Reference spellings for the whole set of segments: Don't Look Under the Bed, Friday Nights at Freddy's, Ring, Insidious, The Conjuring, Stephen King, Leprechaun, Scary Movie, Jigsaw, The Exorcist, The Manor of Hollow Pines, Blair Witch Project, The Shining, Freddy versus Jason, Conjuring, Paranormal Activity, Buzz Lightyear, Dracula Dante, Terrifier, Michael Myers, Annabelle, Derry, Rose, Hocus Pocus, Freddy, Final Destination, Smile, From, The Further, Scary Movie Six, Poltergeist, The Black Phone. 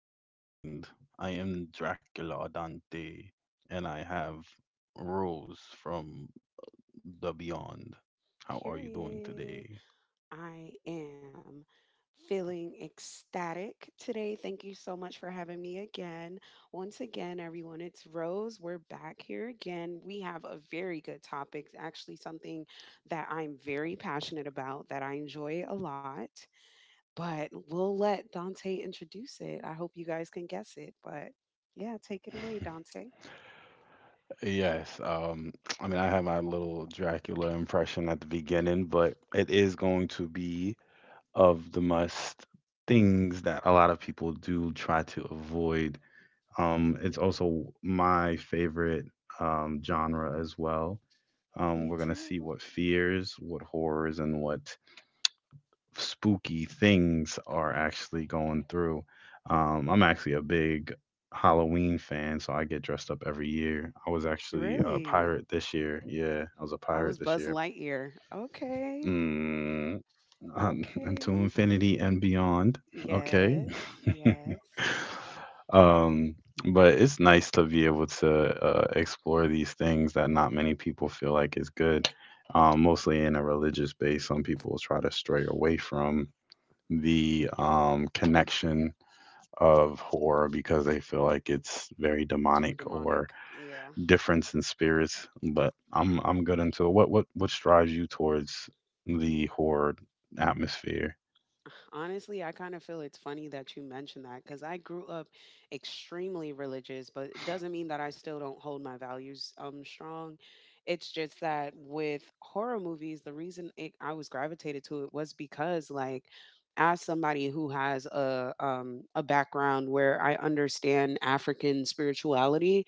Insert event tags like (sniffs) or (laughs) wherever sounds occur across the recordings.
of Koi with your mind. I am Dracula Dante, and I have Rose from the Beyond. How are you doing Period. today? I am feeling ecstatic today. Thank you so much for having me again. Once again, everyone, it's Rose. We're back here again. We have a very good topic. It's actually something that I'm very passionate about, that I enjoy a lot. But we'll let Dante introduce it. I hope you guys can guess it. But yeah, take it away, Dante. (laughs) yes, um, I have my little Dracula impression at the beginning, but it is going to be of the must things that a lot of people do try to avoid. It's also my favorite genre as well. Me We're going to too. see what fears, what horrors, and what spooky things are actually going through. I'm actually a big Halloween fan, so I get dressed up every year. I was actually a Really? pirate this year. Yeah, I was a I was pirate this Buzz year. Lightyear. Okay. Mm, um, Okay. (laughs) to infinity and beyond. Okay. Yes. Yes. (laughs) Um, but it's nice to be able to explore these things that not many people feel like is good. Mostly in a religious base, some people will try to stray away from the connection of horror because they feel like it's very Too demonic or demonic. Yeah. difference in spirits. But I'm good into it. What drives you towards the horror atmosphere? Honestly, I kind of feel it's funny that you mentioned that because I grew up extremely religious, but it doesn't mean that I still don't hold my values strong. It's just that with horror movies, I was gravitated to it was because, like, as somebody who has a background where I understand African spirituality,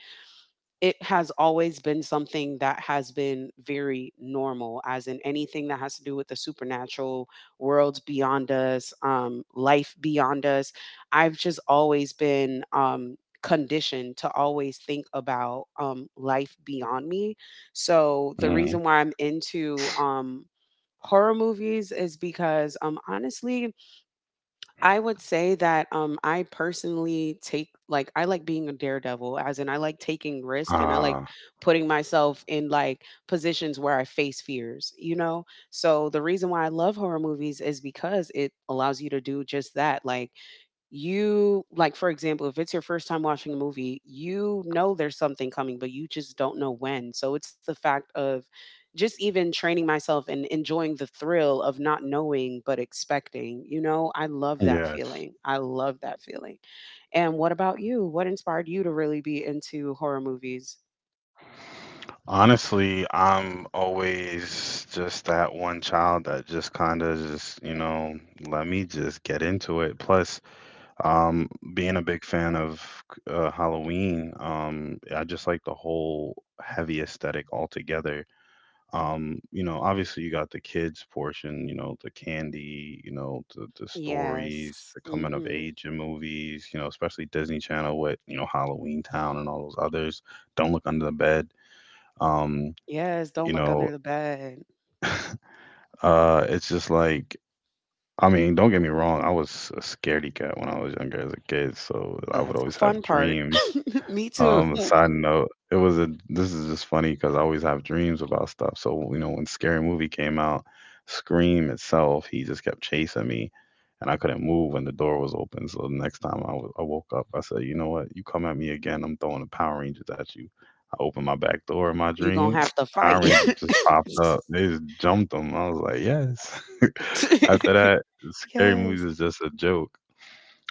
it has always been something that has been very normal, as in anything that has to do with the supernatural worlds beyond us, life beyond us. I've just always been conditioned to always think about life beyond me. So the reason Mm. why I'm into horror movies is because, honestly, I would say that I personally take, like, I like being a daredevil, as in I like taking risk and I like Ah, putting myself in, like, positions where I face fears, you know? So the reason why I love horror movies is because it allows you to do just that. Like, you like, for example, if it's your first time watching a movie, you know there's something coming but you just don't know when. So it's the fact of just even training myself and enjoying the thrill of not knowing but expecting, I love that yes. feeling. I love that feeling. And what about you? What inspired you to really be into horror movies? Honestly, I'm always just that one child that just kind of just, you know, let me just get into it. Plus, being a big fan of Halloween, I just like the whole heavy aesthetic altogether. You know, obviously you got the kids portion, you know, the candy, you know, the stories, Yes. the coming of Mhm. age in movies, you know, especially Disney Channel with, you know, Halloween Town and all those others. Don't look under the bed. Um, Yes, you don't look under know, the bed. It's just like, I mean, don't get me wrong, I was a scaredy cat when I was younger as a kid, so I Well, would that's the always have fun part. dreams. (laughs) Me too. Side note, it was a this is just funny because I always have dreams about stuff. So, you know, when Scary Movie came out, Scream itself, he just kept chasing me and I couldn't move when the door was open. So the next time I woke up, I said, you know what, you come at me again, I'm throwing the Power Rangers at you. I opened my back door in my You dream. gonna (sniffs) have to (tsk) Power fight. Rangers just popped up. They just jumped them. I was like, yes. (laughs) After that, (laughs) Scary Movies Yes. is just a joke.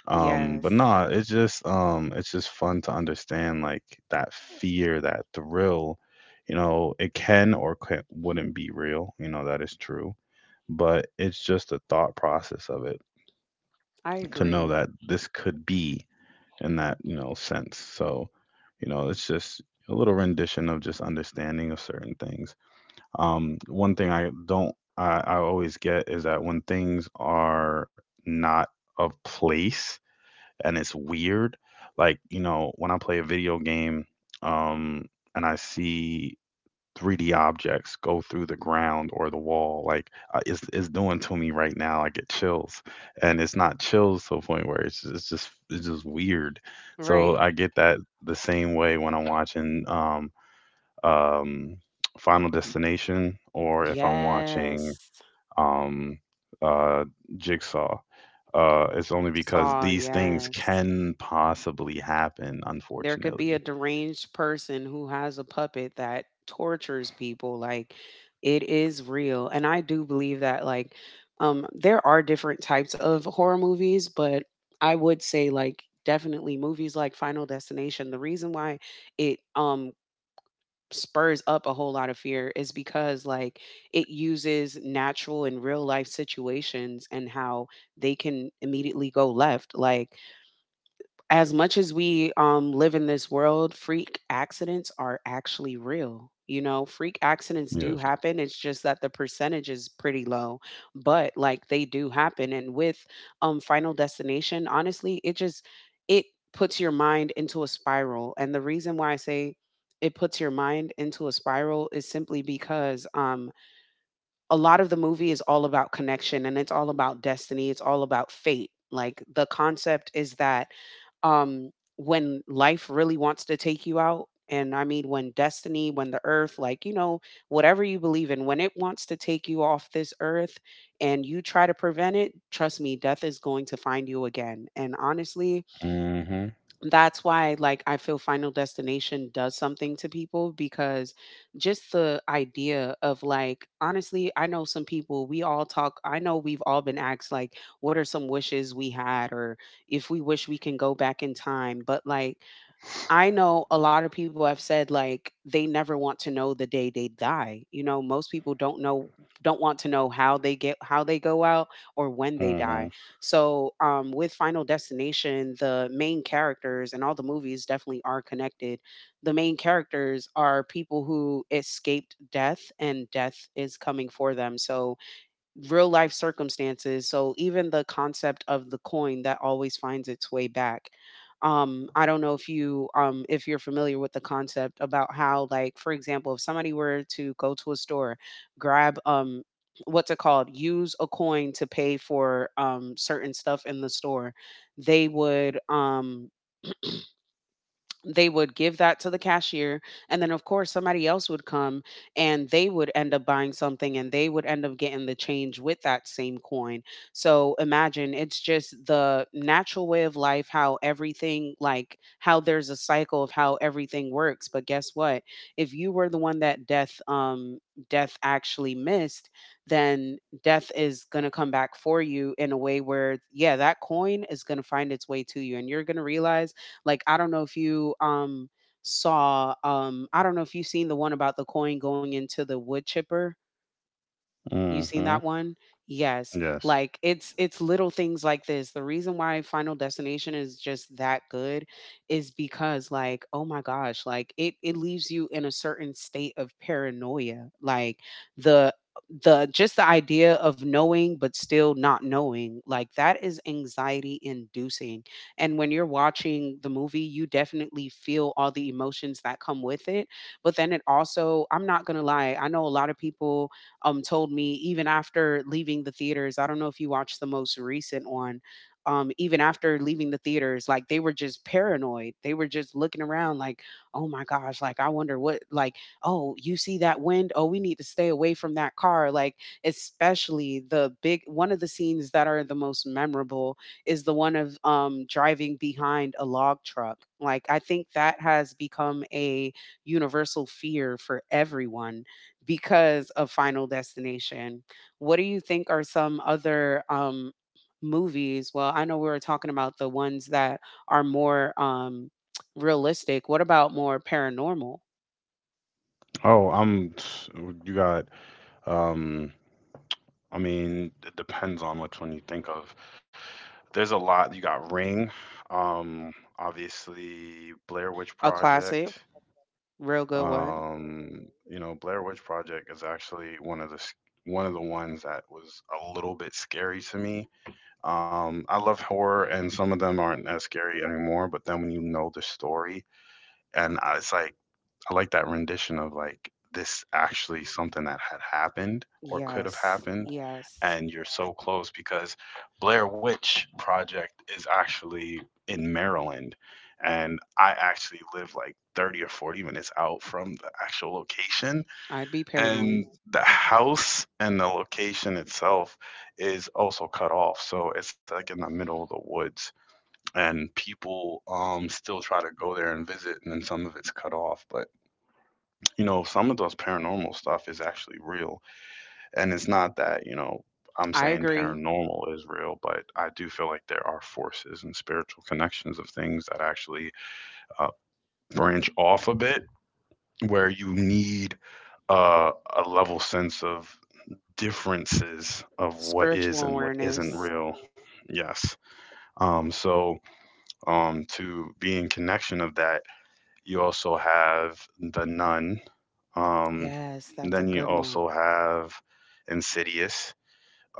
But Yes, nah, it's just fun to understand like that fear, that thrill, you know, it can or can, wouldn't be real, you know, that is true, but it's just the thought process of it I to know agree. that this could be in that, you know, sense. So, you know, it's just a little rendition of just understanding of certain things. One thing I don't I always get is that when things are not of place and it's weird. Like, you know, when I play a video game, um, and I see 3D objects go through the ground or the wall, like it's doing to me right now. I get chills, and it's not chills to a point where it's just weird. So Right. I get that the same way when I'm watching um, Final Destination or if I'm watching Yes. um, uh, Jigsaw. It's only because Saw, these things yes. can possibly happen, There could be a unfortunately. deranged person who has a puppet that tortures people. Like, it is real. And I do believe that, like, there are different types of horror movies, but I would say, like, definitely movies like Final Destination. The reason why it spurs up a whole lot of fear is because, like, it uses natural and real life situations and how they can immediately go left. Like, as much as we live in this world, freak accidents are actually real. You know, freak accidents do Yes. happen. It's just that the percentage is pretty low, but, like, they do happen. And with Final Destination, honestly, it just it puts your mind into a spiral. And the reason why I say it puts your mind into a spiral is simply because, a lot of the movie is all about connection and it's all about destiny. It's all about fate. Like, the concept is that, um, when life really wants to take you out, and I mean, when destiny, when the earth, like, you know, whatever you believe in, when it wants to take you off this earth and you try to prevent it, trust me, death is going to find you again. And honestly, Mhm. that's why, like, I feel Final Destination does something to people, because just the idea of, like, honestly, I know some people, we all talk, I know we've all been asked, like, what are some wishes we had, or if we wish we can go back in time. But, like, I know a lot of people have said, like, they never want to know the day they die. You know, most people don't want to know how they get how they go out or when they die. Mhm. So, um, with Final Destination, the main characters and all the movies definitely are connected. The main characters are people who escaped death, and death is coming for them. So, real life circumstances. So even the concept of the coin that always finds its way back. I don't know if you, if you're familiar with the concept about how, like, for example, if somebody were to go to a store, grab, what's it called, use a coin to pay for certain stuff in the store, they would. They would give that to the cashier, and then of course somebody else would come, and they would end up buying something, and they would end up getting the change with that same coin. So imagine it's just the natural way of life, how everything, like, how there's a cycle of how everything works. But guess what, if you were the one that death, death actually missed, then death is going to come back for you in a way where, yeah, that coin is going to find its way to you, and you're going to realize, like, I don't know if you, saw, I don't know if you've seen the one about the coin going into the wood chipper. You seen Mhm. that one? Yes. Yes. Like, it's little things like this. The reason why Final Destination is just that good is because, like, oh my gosh, like, it leaves you in a certain state of paranoia. Like, the the just the idea of knowing but still not knowing, like, that is anxiety inducing. And when you're watching the movie you definitely feel all the emotions that come with it. But then it also, I'm not going to lie, I know a lot of people, told me even after leaving the theaters, I don't know if you watched the most recent one. Even after leaving the theaters, like, they were just paranoid. They were just looking around, like, oh my gosh, like, I wonder what, like, oh, you see that wind? Oh, we need to stay away from that car. Like, especially the big one of the scenes that are the most memorable is the one of, driving behind a log truck. Like, I think that has become a universal fear for everyone because of Final Destination. What do you think are some other, movies? Well, I know we were talking about the ones that are more, realistic. What about more paranormal? Oh, I'm. You got. Um. I mean, it depends on which one you think of. There's a lot. You got Ring. Um. Obviously, Blair Witch A classic, Project. real good one. You know, Blair Witch Project is actually one of the ones that was a little bit scary to me. I love horror, and some of them aren't as scary anymore. But then when you know the story, and it's like I like that rendition of like this actually something that had happened or could have Yes, happened, yes. and you're so close because Blair Witch Project is actually in Maryland, and I actually live like 30 or 40 minutes out from the actual location, I'd be and paranoid. the house and the location itself is also cut off, so it's like in the middle of the woods, and people still try to go there and visit, and then some of it's cut off, but you know, some of those paranormal stuff is actually real. And it's not that, you know, I'm I saying agree. paranormal is real, but I do feel like there are forces and spiritual connections of things that actually uh, branch off a bit, where you need uh, a level sense of differences of what Spiritual is and what isn't awareness. real. Yes. Um, so to be in connection of that, you also have the nun. Um, Yes, that's a then you good one. also have Insidious.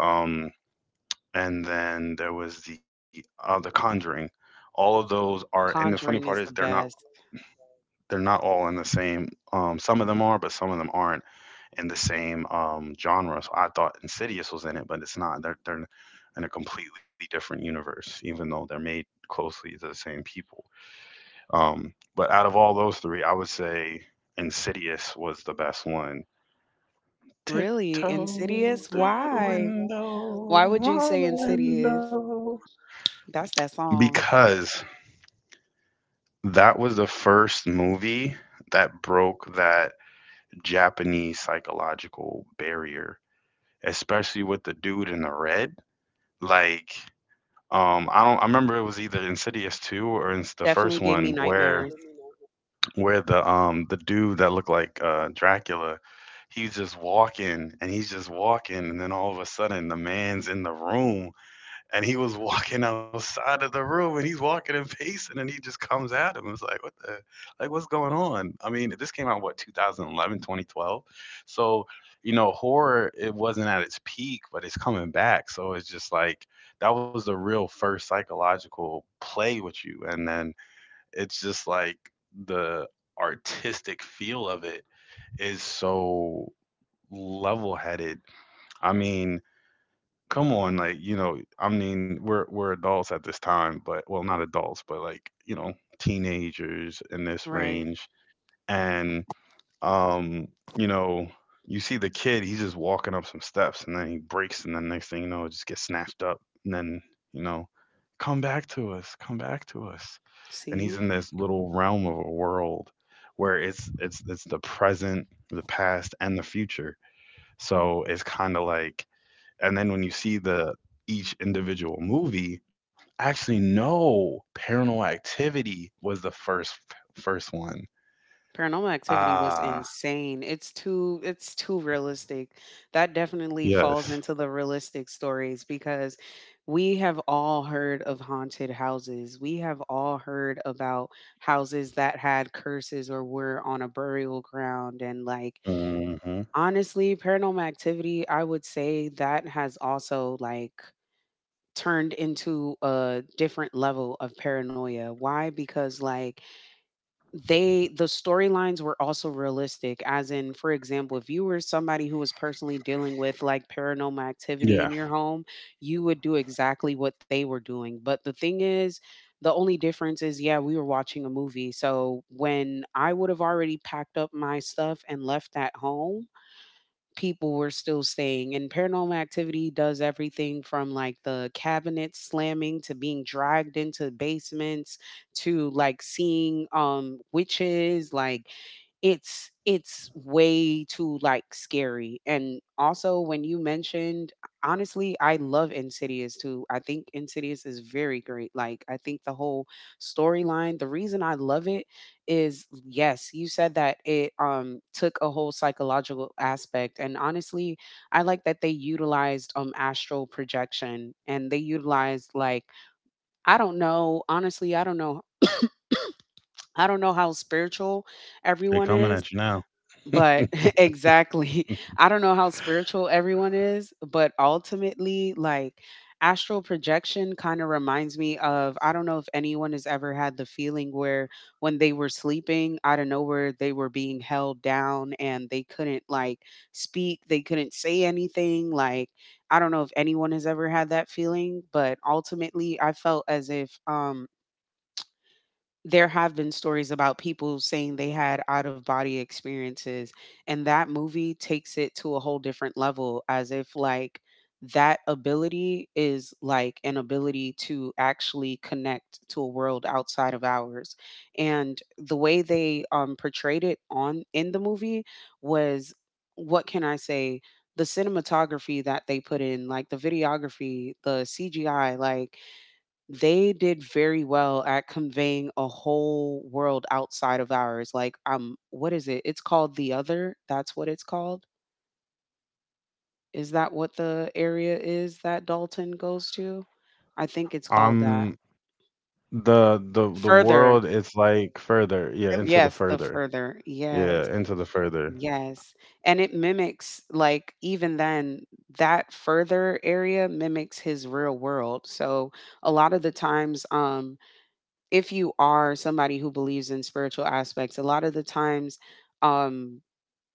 Um, and then there was the Conjuring. All of those are, and the funny part Conjuring is is the best. they're not all in the same. Some of them are, but some of them aren't in the same genre. So I thought Insidious was in it, but it's not. They're in a completely different universe, even though they're made closely to the same people. But out of all those three, I would say Insidious was the best one. Really? Tiptoe Insidious? through the Why? Why window, would you say on the Insidious? window. That's that song. Because that was the first movie that broke that Japanese psychological barrier, especially with the dude in the red. Like, I don't. I remember it was either Insidious two or it's the first Definitely gave one me where nightmares. The dude that looked like Dracula, he's just walking and he's just walking, and then all of a sudden the man's in the room and he was walking outside of the room and he's walking and pacing and he just comes at him. It's like, what the, like, what's going on? I mean, this came out, what, 2011, 2012? So, you know, horror, it wasn't at its peak, but it's coming back. So it's just like, that was the real first psychological play with you. And then it's just like the artistic feel of it is so level headed. I mean, come on, like, you know, I mean, we're adults at this time, but well, not adults, but like, you know, teenagers in this Right. range. And um, you know, you see the kid, he's just walking up some steps, and then he breaks, and then next thing you know, it just gets snatched up and then, you know, come back to us, come back to us. And he's in See? this little realm of a world where it's the present, the past, and the future. So it's kind of like and then when you see the each individual movie actually no paranormal activity was the first one. Paranormal Activity was Ah, insane. It's too realistic. That definitely falls yes. into the realistic stories because we have all heard of haunted houses. We have all heard about houses that had curses or were on a burial ground, and, like, Hmm. honestly, Paranormal Activity, I would say that has also, like, turned into a different level of paranoia. Why? Because, like, the storylines were also realistic, as in, for example, if you were somebody who was personally dealing with, like, paranormal activity in Yeah, your home, you would do exactly what they were doing. But the thing is, the only difference is, yeah, we were watching a movie. So when I would have already packed up my stuff and left that home, people were still staying. And Paranormal Activity does everything from, like, the cabinets slamming to being dragged into basements, to, like, seeing witches. Like, it's way too, like, scary. And also when you mentioned, honestly, I love Insidious too. I think Insidious is very great. Like, I think the whole storyline, the reason I love it is, yes, you said that it took a whole psychological aspect, and honestly, I like that they utilized astral projection, and they utilized, like, I don't know, honestly, I don't know, I don't know how spiritual they are everyone coming is, at you now. but (laughs) (laughs) exactly. I don't know how spiritual everyone is, but ultimately, like, astral projection kind of reminds me of, I don't know if anyone has ever had the feeling where when they were sleeping, out of nowhere, they were being held down and they couldn't, like, speak, they couldn't say anything. Like, I don't know if anyone has ever had that feeling, but ultimately, I felt as if, there have been stories about people saying they had out of body experiences, and that movie takes it to a whole different level, as if, like, that ability is like an ability to actually connect to a world outside of ours. And the way they portrayed it on in the movie was, what can I say, the cinematography that they put in, like, the videography, the CGI, like, they did very well at conveying a whole world outside of ours. Like, what is it? It's called The Other. That's what it's called. Is that what the area is that Dalton goes to? I think it's called that. Um, the Further. world is like further, yeah, Um, into the yes, the further, further. yeah, Yes. into the further Yes. And it mimics, like, even then, that further area mimics his real world. So a lot of the times, if you are somebody who believes in spiritual aspects, a lot of the times, um,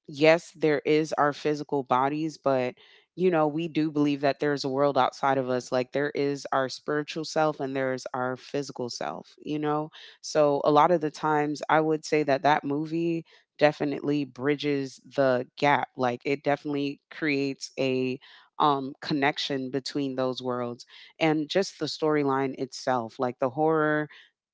yes, there is our physical bodies, but you know, we do believe that there's a world outside of us. Like there is our spiritual self and there is our physical self, you know? So a lot of the times, I would say that that movie definitely bridges the gap. Like it definitely creates a connection between those worlds, and just the storyline itself, like the horror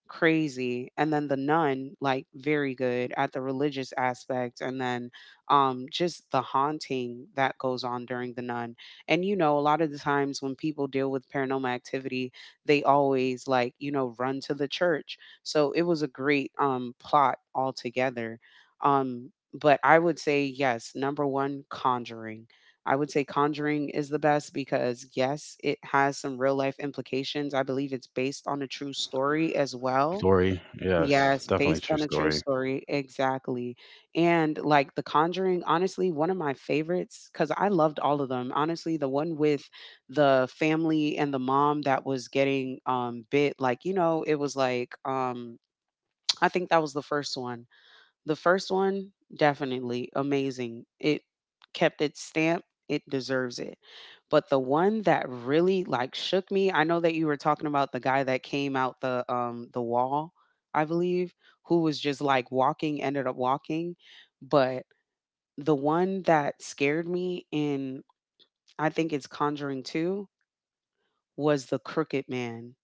crazy, and then the nun, like very good at the religious aspect, and then just the haunting that goes on during the nun. And you know, a lot of the times when people deal with paranormal activity, they always, like, you know, run to the church. So it was a great plot altogether. But I would say, yes, number 1, Conjuring. I would say Conjuring is the best because, yes, it has some real life implications. I believe it's based on a true story as well. story. Yes, Yes, definitely based true on a true story. story. Exactly. And like The Conjuring, honestly, one of my favorites, because I loved all of them. Honestly, the one with the family and the mom that was getting bit, like, you know, it was like (tsk) I think that was the first one, definitely amazing. It kept its stamp. It deserves it. But the one that really, like, shook me, I know that you were talking about the guy that came out the wall, I believe, who was just like walking, ended up walking. But the one that scared me in, I think it's Conjuring 2, was the Crooked Man.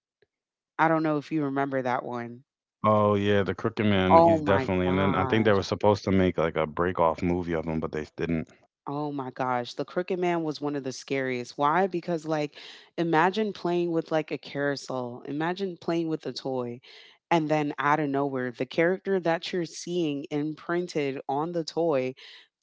I don't know if you remember that one. Oh yeah, the crooked man, Oh he's my definitely, and then I think they god. were supposed to make like a break off movie of him, but they didn't. Oh my gosh, The Crooked Man was one of the scariest. Why? Because, like, imagine playing with, like, a carousel. Imagine playing with a toy. And then out of nowhere, the character that you're seeing imprinted on the toy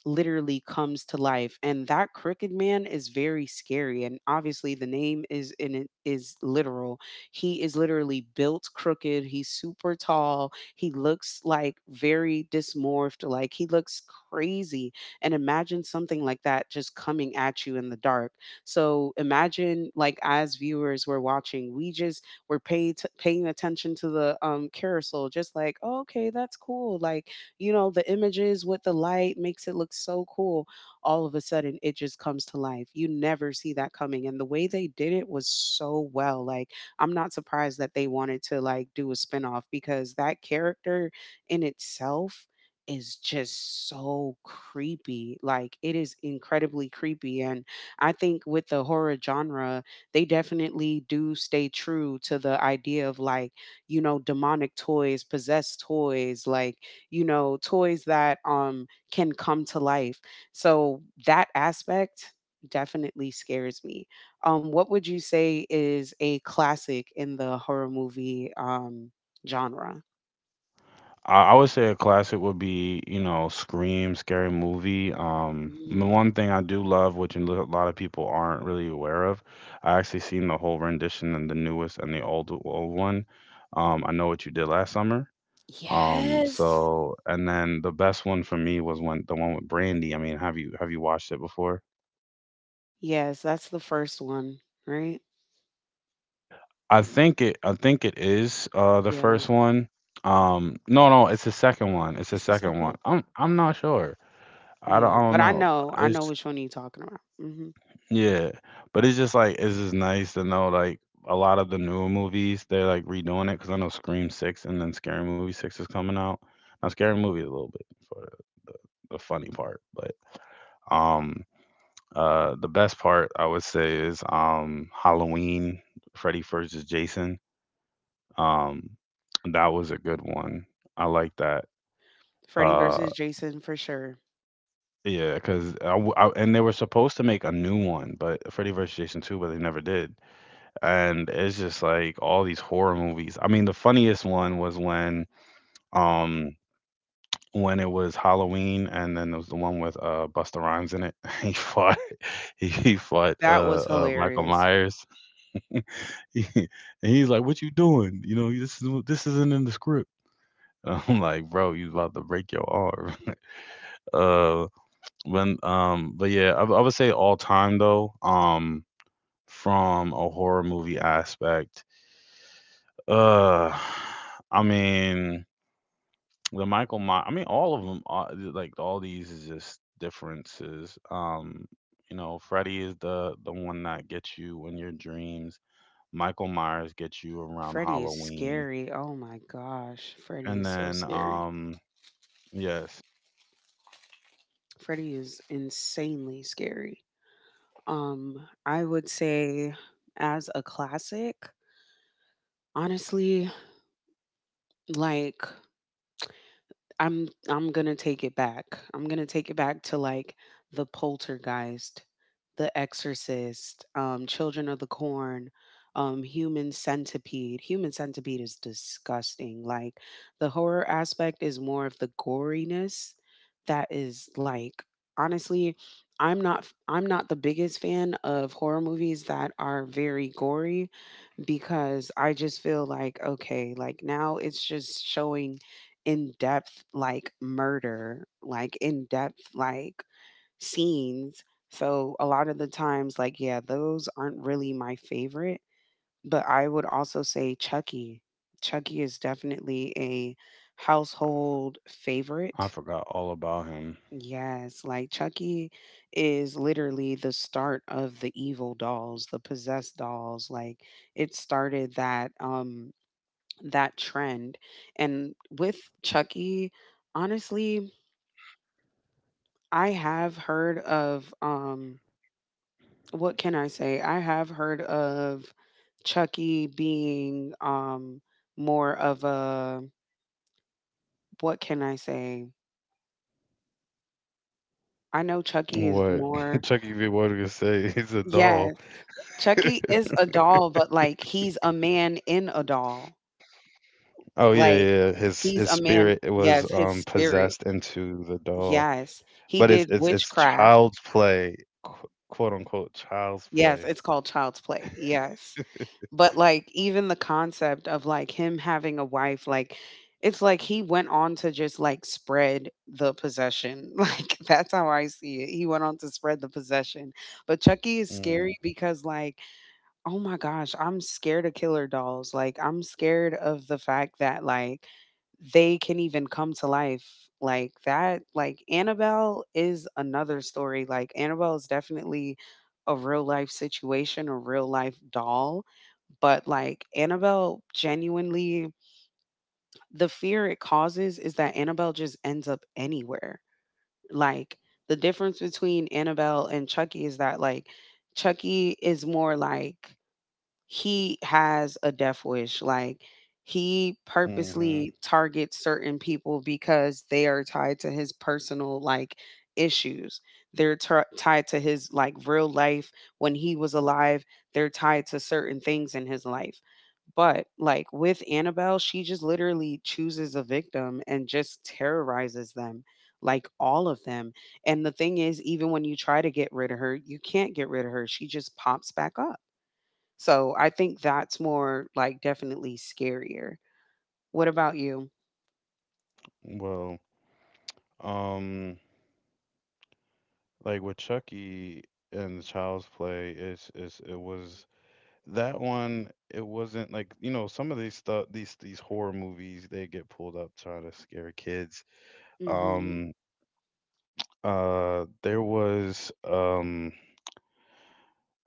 literally comes to life. And that crooked man is very scary, and obviously the name is in it, is literal. He is literally built crooked. He's super tall. He looks, like, very dismorphed. Like he looks crazy. And imagine something like that just coming at you in the dark. So imagine, like, as viewers, we're watching, we just were are paying attention to the carousel, just like, oh, okay, that's cool, like, you know, the images with the light makes it look so cool. All of a sudden, it just comes to life. You never see that coming. And the way they did it was so well. Like, I'm not surprised that they wanted to, like, do a spinoff, because that character in itself is just so creepy. Like it is incredibly creepy. And I think with the horror genre, they definitely do stay true to the idea of, like, you know, demonic toys, possessed toys, like, you know, toys that can come to life. So that aspect definitely scares me. What would you say is a classic in the horror movie genre? I would say a classic would be, you know, Scream, Scary Movie. The Mm. one thing I do love, which lot of people aren't really aware of, I actually seen the whole rendition and the newest and the old one. I know what you did last summer. Yes. So and then the best one for me was when the one with Brandy. I mean, have you watched it before? Yes, that's the first one, right? I think it is the Yeah. first one. No, no, it's the second one. It's the It's the second one. second? I'm not sure. Yeah, I don't but know. I know which one you're talking about. Hmm. Yeah, but it's just like it's just nice to know like a lot of the newer movies they're like redoing it because I know Scream Six and then Scary Movie Six is coming out. Now Scary Movie is a little bit for the funny part, but um the best part I would say is Halloween, Freddy versus Jason. um that was a good one. I like that. Freddy Uh versus Jason for sure. yeah, because and they were supposed to make a new one, but Freddy versus Jason two, but they never did. And it's just like all these horror movies. I mean, the funniest one was um when it was Halloween, and then there was the one with Busta Rhymes in it. (laughs) He fought (laughs) he fought That was Michael hilarious. Myers, (laughs) He- and he's like, "What you doing? You know, this isn't in the script." (laughs) And I'm like, bro, you about to break your arm. (laughs) Uh, when but yeah, I would say all time though. From a horror movie aspect. Uh, I mean, the Michael My I mean, all of them are like all these is just differences. You know, Freddy is the one that gets you in your dreams. Michael Myers gets you around Freddy is Halloween. scary. Oh my gosh, Freddy And is so then scary. Yes, Freddy is insanely scary. I would say, as a classic, honestly, like, I'm gonna take it back. I'm gonna take it back to, like, the Poltergeist, The Exorcist, Children of the Corn, Human Centipede. Human Centipede is disgusting. Like the horror aspect is more of the goriness that is, like, honestly, I'm not the biggest fan of horror movies that are very gory, because I just feel like, okay, like, now it's just showing in depth, like, murder, like, in depth, like, scenes. So a lot of the times, like, yeah, those aren't really my favorite. But I would also say Chucky. Chucky is definitely a household I favorite. forgot all about him. Yes, like Chucky is literally the start of the evil dolls, the possessed dolls. Like, it started that that trend. And with Chucky, honestly, I have heard of what can I say? I have heard of Chucky being more of a, what can I say? I know Chucky is What? (laughs) more. Chucky V. What do you say? (laughs) He's a Yes, doll. Chucky (laughs) is a doll, but, like, he's a man in a doll. Oh yeah, Like, yeah, yeah. His he's his a man, spirit was yes, his spirit. possessed into the doll. Yes. He But it's did it's it's witchcraft. child's play, quote unquote child's Yes, play. it's called Child's Play, yes. But, like, even the concept of, like, him having a wife, like, it's like he went on to just, like, spread the possession, (laughs) like, that's how I see it, he went on to spread the possession. But Chucky is scary Mm, because, like, oh my gosh, I'm scared of killer dolls. Like, I'm scared of the fact that, like, they can even come to life like that. Like, Annabelle is another story. Like, Annabelle is definitely a real life situation, a real life doll. But, like, Annabelle genuinely, the fear it causes is that Annabelle just ends up anywhere. Like, the difference between Annabelle and Chucky is that, like, Chucky is more, like, he has a death wish. Like, he mm-hmm. purposely targets certain people because they are tied to his personal, like, issues. They're tied to his, like, real life when he was alive. They're tied to certain things in his life. But, like, with Annabelle, she just literally chooses a victim and just terrorizes them, like all of them. And the thing is, even when you try to get rid of her, you can't get rid of her. She just pops back up. So I think that's more, like, definitely scarier. What about you? Well, um, like with Chucky and the child's play, it was that one. It wasn't like, you know, some of these stuff, these horror movies, they get pulled up trying to scare kids. Hmm. Um, there was.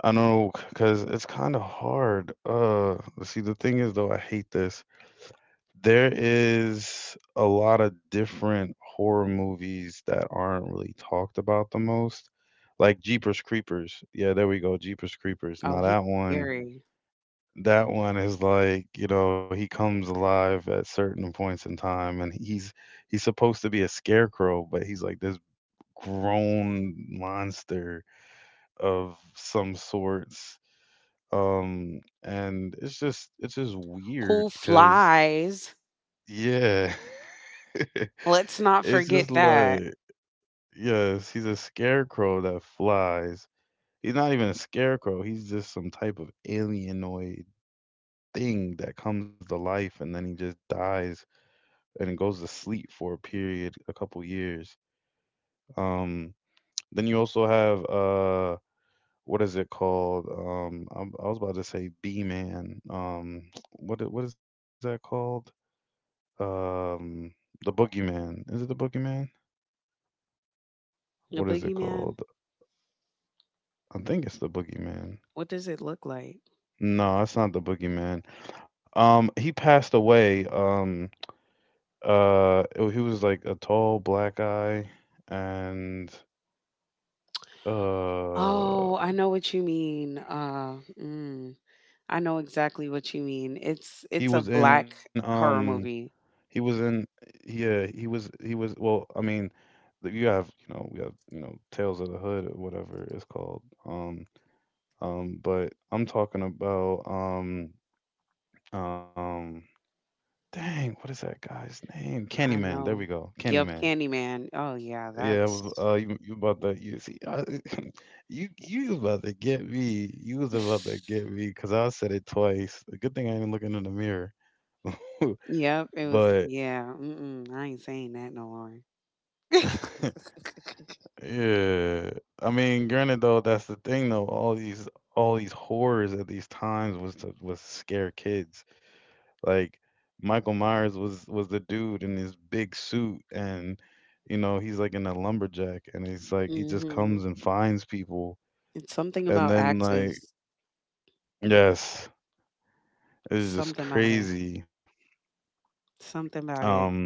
I don't know because it's kind of hard. See, the thing is though, I hate this. There is a lot of different horror movies that aren't really talked about the most, like Jeepers Creepers. Yeah, there we go, Jeepers Creepers. Oh, Now he's that one scary. that one is like, you know, he comes alive at certain points in time, and he's supposed to be a scarecrow, but he's like this grown monster of some sorts. And it's just weird, Who cause flies? yeah. (laughs) (laughs) Let's not It's just forget that. like, yes, he's a scarecrow that flies. He's not even a scarecrow. He's just some type of alienoid thing that comes to life, and then he just dies, and it goes to sleep for a period, a couple years. Um, then you also have what is it called? I was about to say B-Man. (sniffs) (tsk) What is that called? Um, the Boogeyman. Is it the Boogeyman? What A is it called? boogeyman? I think it's the Boogeyman. What does it look like? No, it's not the Boogeyman. He passed away. He was like a tall black guy, and Oh, uh, I know what you mean. Mm, I know exactly what you mean. He It's a was in, black horror he movie. was in, yeah, he was, well, I mean, you have, you know, we have, Tales of the Hood or whatever it's called. But I'm talking about, um, dang, what is that guy's name? I Candyman. There we know. go, Candyman. Yep, Candyman. Oh yeah, Yeah, I was, that's you, you about to you see, (laughs) you was about to get me. You was about to get me (laughs) because I said it twice. A good thing I ain't looking in the mirror. (laughs) yep. It was But yeah. Mm-mm, I ain't saying that no more. (laughs) (laughs) yeah, I mean, granted though, that's the thing though. All these horrors at these times was to was scare kids. Like Michael Myers was the dude in his big suit. And, you know, he's like in a lumberjack, and he's like he just Mm-hmm. comes and finds people, It's something and about then, like, axes. yes, it's just Something about it. crazy. Something about it. Um,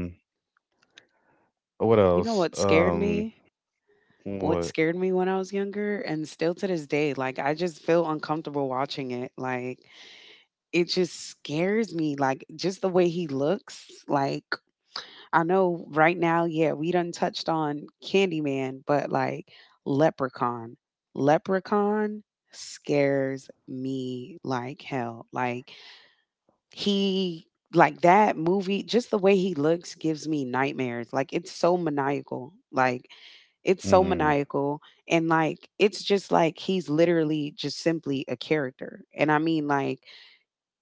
what You know else? what scared me? What What? scared me when I was younger and still to this day. Like, I just feel uncomfortable watching it. Like, it just scares me. Like, just the way he looks. Like, I know right now, yeah, we done touched on Candyman, but, like, Leprechaun. Leprechaun scares me like hell. Like, he, like that movie, just the way he looks gives me nightmares. Like, it's so maniacal. Like, it's Mm, so maniacal. And, like, it's just like he's literally just simply a character. And I mean, like,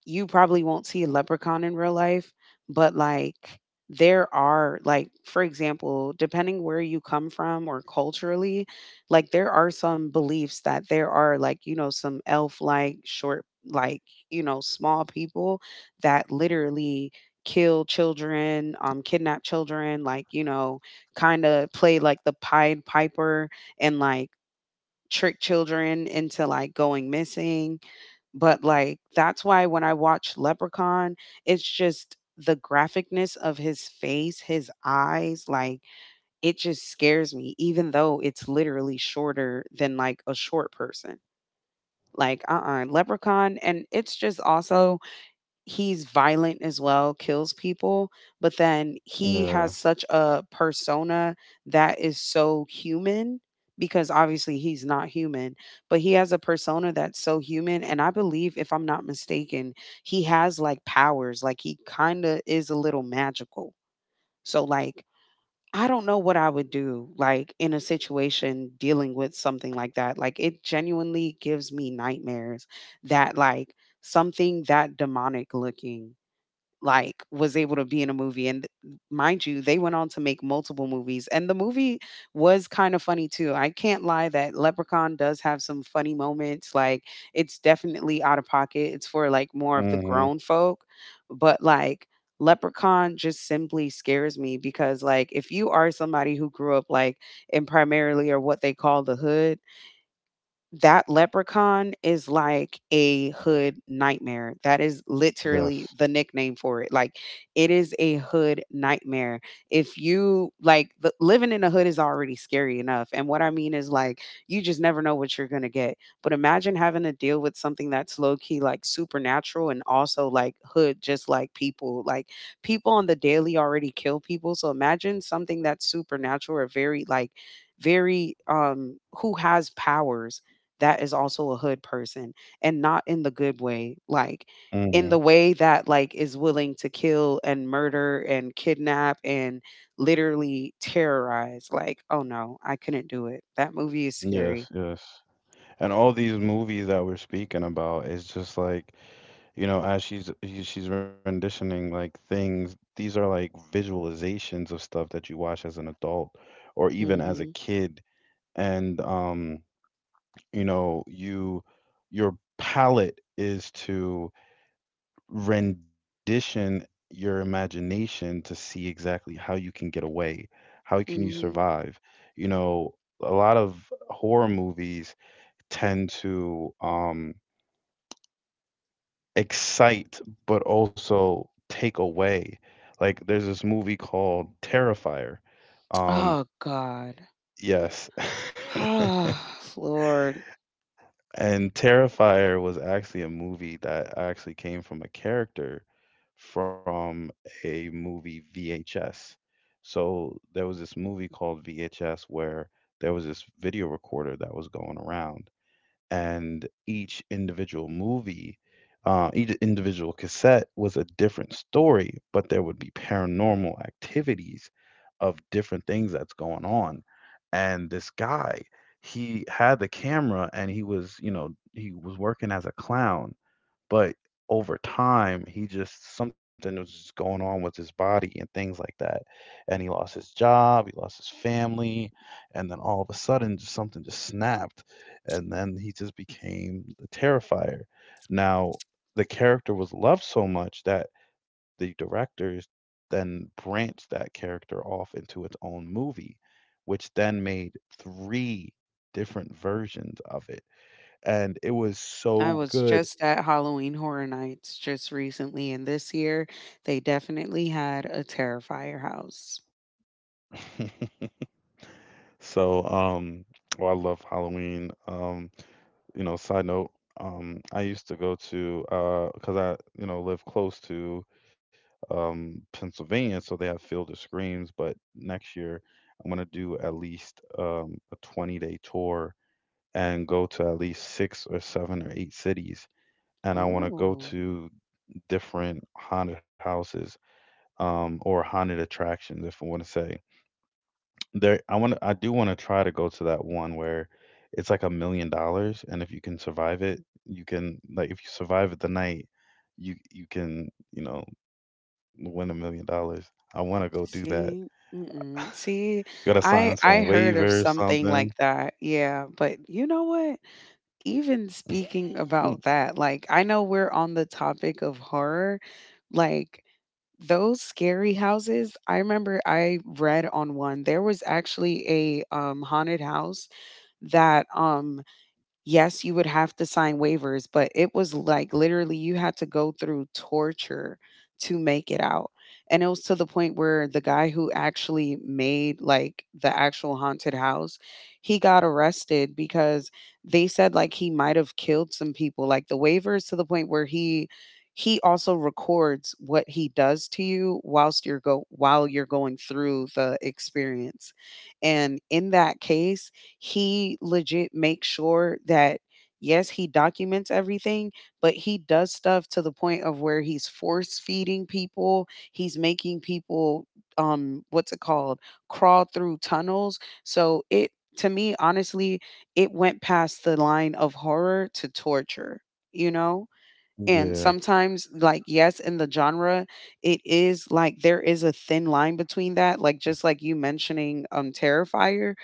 you probably won't see a leprechaun in real life, but, like, there are, like, for example, depending where you come from or culturally, like, there are some beliefs that there are, like, you know, some elf like short, like, you know, small people that literally kill children, kidnap children, like, you know, kind of play like the pied piper and, like, trick children into, like, going missing. But, like, that's why when I watch Leprechaun, it's just the graphicness of his face, his eyes, like, it just scares me, even though it's literally shorter than, like, a short person. Like, Leprechaun. And it's just also he's violent as well, kills people, but then he yeah. has such a persona that is so human, because obviously he's not human, but he has a persona that's so human. And I believe, if I'm not mistaken, he has like powers, like, he kind of is a little magical. So, like, I don't know what I would do, like, in a situation dealing with something like that. Like, it genuinely gives me nightmares, that, like, something that demonic looking, like, was able to be in a movie. And mind you, they went on to make multiple movies. And the movie was kind of funny too, I can't lie. That leprechaun does have some funny moments. Like, it's definitely out of pocket, it's for, like, more of the Mm-hmm. grown folk. But, like, Leprechaun just simply scares me because, like, if you are somebody who grew up, like, in primarily or what they call the hood, that Leprechaun is like a hood nightmare. That is literally Yes. the nickname for it. Like, it is a hood nightmare. If you like the, living in a hood is already scary enough. And what I mean is, like, you just never know what you're going to get. But imagine having to deal with something that's low key, like supernatural and also like hood, just like people. Like, people on the daily already kill people. So imagine something that's supernatural or very who has powers that is also a hood person and not in the good way, like in Mm-hmm. the way that like is willing to kill and murder and kidnap and literally terrorize. Like, oh no, I couldn't do it. That movie is Yes, scary. yes. And all these movies that we're speaking about is just like, you know, as she's renditioning like things, these are like visualizations of stuff that you watch as an adult or even as a Mhm. kid. And you know, your palate is to rendition your imagination to see exactly how you can get away, how can you Mhm. survive. You know, a lot of horror movies tend to, excite, but also take away. Like, there's this movie called Terrifier. Um, Oh god (sighs) yes. (laughs) Oh, Lord. And Terrifier was actually a movie that actually came from a character from a movie VHS. So there was this movie called VHS where there was this video recorder that was going around, and each individual cassette was a different story, but there would be paranormal activities of different things that's going on. And this guy, he had the camera, and he was working as a clown, but over time, he just something was just going on with his body and things like that. And he lost his job, he lost his family, and then all of a sudden, just something just snapped, and then he just became the Terrifier. Now, the character was loved so much that the directors then branched that character off into its own movie, which then made three different versions of it. And it was I so was good. just at Halloween Horror Nights just recently, and this year they definitely had a Terrifier house. (laughs) So, well, I love Halloween. You know, side note, I used to go to, 'cause I, you know, live close to Pennsylvania, so they have Field of Screams, but next year I'm gonna do at least a 20-day day tour and go to at least six or seven or eight cities. And I want to go Oh. to different haunted houses, or haunted attractions, if I want to say. There, I do wanna try to go to that one where it's like $1,000,000, and if you can survive it, you can, like, if you survive it the night, you can, you know, win $1,000,000. I wanna go do that. See, mm-mm. See, You gotta I sign I some heard of waiver or something like something. that. Yeah, but you know what? Even speaking about Mm, that, like I know we're on the topic of horror, like those scary houses. I remember I read on one. There was actually a haunted house that yes, you would have to sign waivers, but it was like literally you had to go through torture to make it out. And it was to the point where the guy who actually made like the actual haunted house, he got arrested because they said like he might have killed some people. Like the waivers, to the point where he also records what he does to you whilst you're go while you're going through the experience. And in that case, he legit makes sure that yes, he documents everything, but he does stuff to the point of where he's force feeding people. He's making people what's it called? Crawl through tunnels. So it to me honestly, it went past the line of horror to torture, you know? And yeah. sometimes, like, yes, in the genre, it is like there is a thin line between that, like just like you mentioning Terrifier.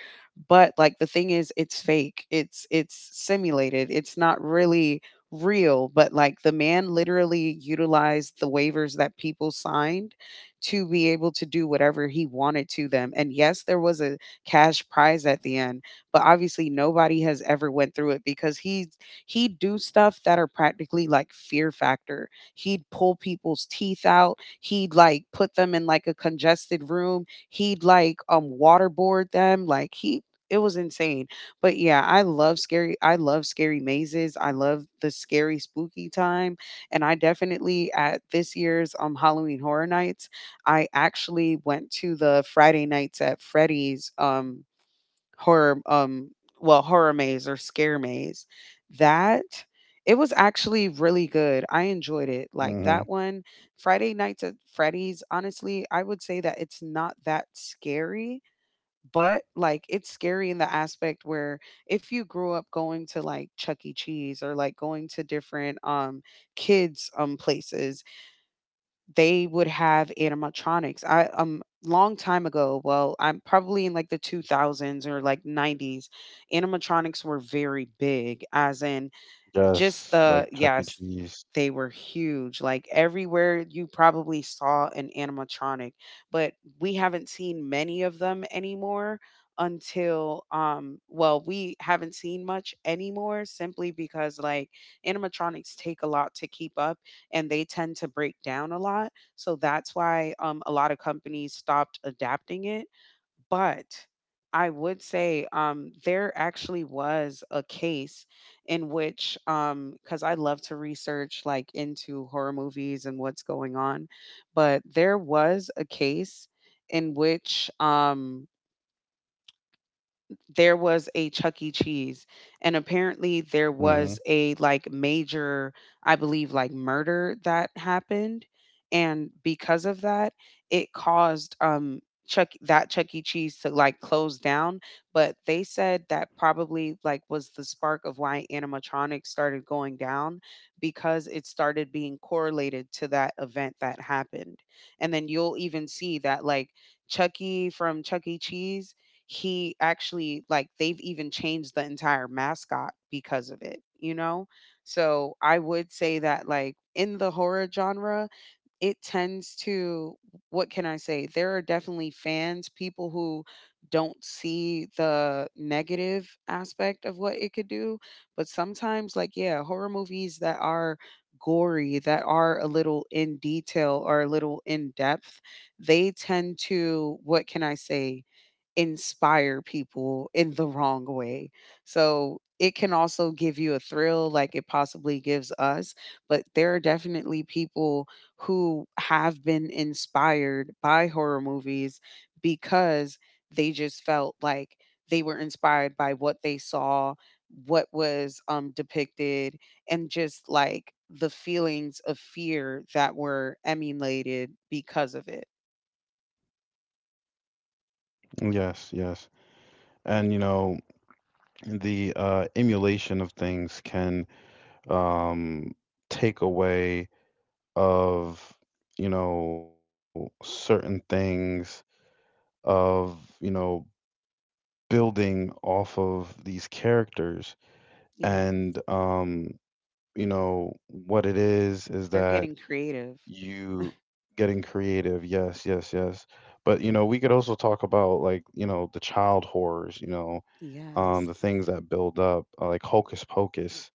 But like the thing is it's fake. It's simulated. It's not really real. But like the man literally utilized the waivers that people signed to be able to do whatever he wanted to them. And yes, there was a cash prize at the end, but obviously nobody has ever went through it because he'd do stuff that are practically like Fear Factor. He'd pull people's teeth out. He'd like put them in like a congested room. He'd like waterboard them. Like he it was insane. But yeah, I love scary mazes. I love the scary spooky time. And I definitely at this year's Halloween Horror Nights, I actually went to the Friday Nights at Freddy's horror, um, horror maze or scare maze. That it was actually really good. I enjoyed it. Like that Mhm. one, Friday Nights at Freddy's. Honestly, I would say that it's not that scary, but like it's scary in the aspect where if you grew up going to like Chuck E. Cheese or like going to different kids places, they would have animatronics. I Long time ago, well, I'm probably in like the 2000s or like 90s, animatronics were very big as in just the Yes, like yes, Chuck E. they were Cheese. huge. Like everywhere you probably saw an animatronic, but we haven't seen many of them anymore until we haven't seen much anymore simply because like animatronics take a lot to keep up and they tend to break down a lot, so that's why a lot of companies stopped adapting it. But I would say there actually was a case in which, because I love to research like into horror movies and what's going on, but there was a case in which there was a Chuck E. Cheese, and apparently there Mhm. was a like major, I believe, like murder that happened, and because of that, it caused Chuck E. Cheese to like close down. But they said that probably like was the spark of why animatronics started going down because it started being correlated to that event that happened, and then you'll even see that like Chucky from Chuck E. Cheese, he actually like they've even changed the entire mascot because of it, you know? So I would say that like in the horror genre, it tends to what can I say? There are definitely fans, people who don't see the negative aspect of what it could do, but sometimes like yeah, horror movies that are gory, that are a little in detail or a little in depth, they tend to what can I say? Inspire people in the wrong way. So it can also give you a thrill like it possibly gives us, but there are definitely people who have been inspired by horror movies because they just felt like they were inspired by what they saw, what was depicted, and just like the feelings of fear that were emulated because of it. Yes, yes. And, you know, the, emulation of things can, um, take away of, you know, certain things of, you know, building off of these characters, Yeah, and you know what it is they're that getting creative. you getting creative. Yes, yes, yes. But, you know, we could also talk about, like, you know, the child horrors, you know, Yes. The things that build up, like Hocus Pocus,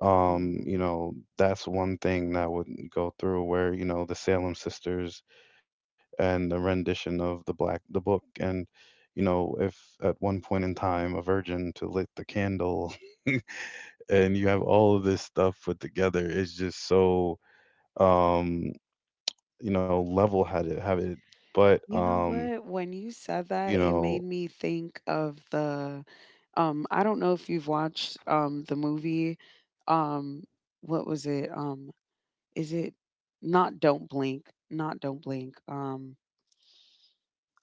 you Mm. know, that's one thing that would go through, where, you know, the Salem sisters and the rendition of the black the book, and, you know, if at one point in time a virgin to lit the candle, (laughs) and you have all of this stuff put together, it's just so, um you know, level headed. But You know what? When you said that, you it made know, me think of the I don't know if you've watched the movie um what was it? Is it not Don't Blink, not Don't Blink.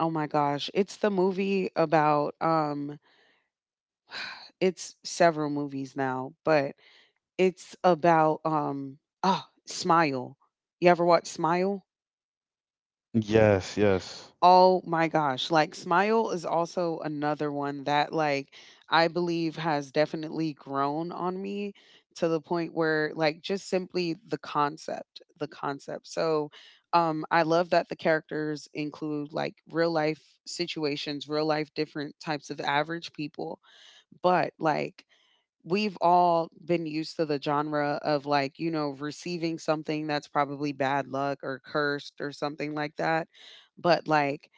Oh my gosh, it's the movie about it's several movies now, but it's about oh, Smile. You ever watch Smile? yes, yes, Oh my gosh, like Smile is also another one that like I believe has definitely grown on me to the point where like just simply the concept. So I love that the characters include like real life situations, real life different types of average people, but like we've all been used to the genre of like, you know, receiving something that's probably bad luck or cursed or something like that. But like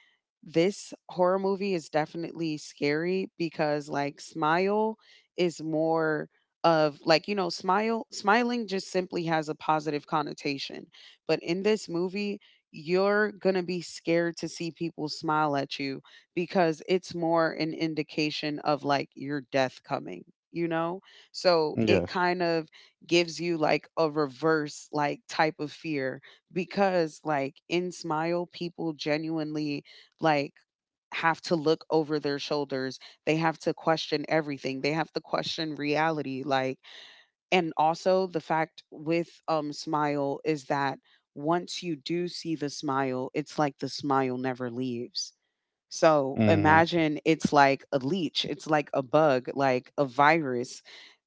this horror movie is definitely scary because like Smile is more of, like, you know, smile smiling just simply has a positive connotation, but in this movie you're going to be scared to see people smile at you because it's more an indication of like your death coming, you know? So it kind yes. of gives you like a reverse like type of fear because like in Smile people genuinely like have to look over their shoulders. They have to question everything. They have to question reality. Like, and also the fact with Smile is that once you do see the smile, it's like the smile never leaves. So Hmm. imagine it's like a leech, it's like a bug, like a virus.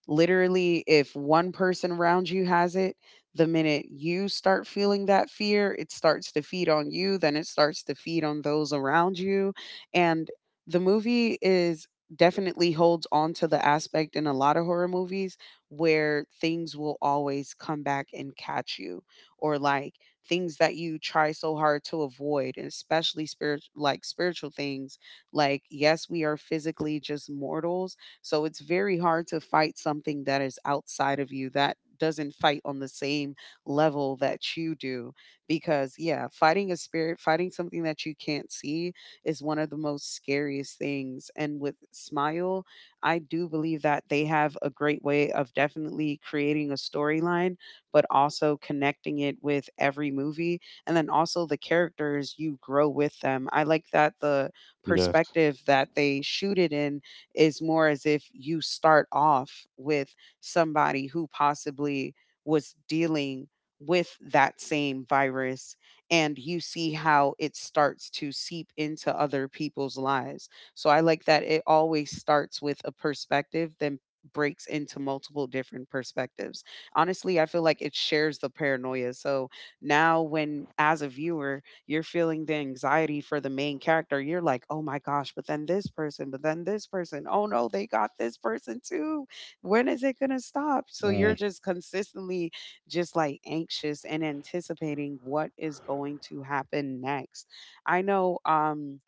Literally, if one person around you has it, the minute you start feeling that fear, it starts to feed on you, then it starts to feed on those around you. And the movie is definitely holds on to the aspect in a lot of horror movies where things will always come back and catch you, or like things that you try so hard to avoid, and especially spirit like spiritual things. Like, yes, we are physically just mortals, so it's very hard to fight something that is outside of you that doesn't fight on the same level that you do. Because, yeah, fighting a spirit, fighting something that you can't see is one of the most scariest things. And with Smile, I do believe that they have a great way of definitely creating a storyline, but also connecting it with every movie. And then also the characters, you grow with them. I like that the Yes. perspective that they shoot it in is more as if you start off with somebody who possibly was dealing with that same virus, and you see how it starts to seep into other people's lives. So I like that it always starts with a perspective, then breaks into multiple different perspectives. Honestly, I feel like it shares the paranoia. So now, when as a viewer, you're feeling the anxiety for the main character. You're like, oh my gosh, but then this person, but then this person. Oh no, they got this person too. When is it going to Mm. stop? So you're just consistently just like anxious and anticipating what is going to happen next. I know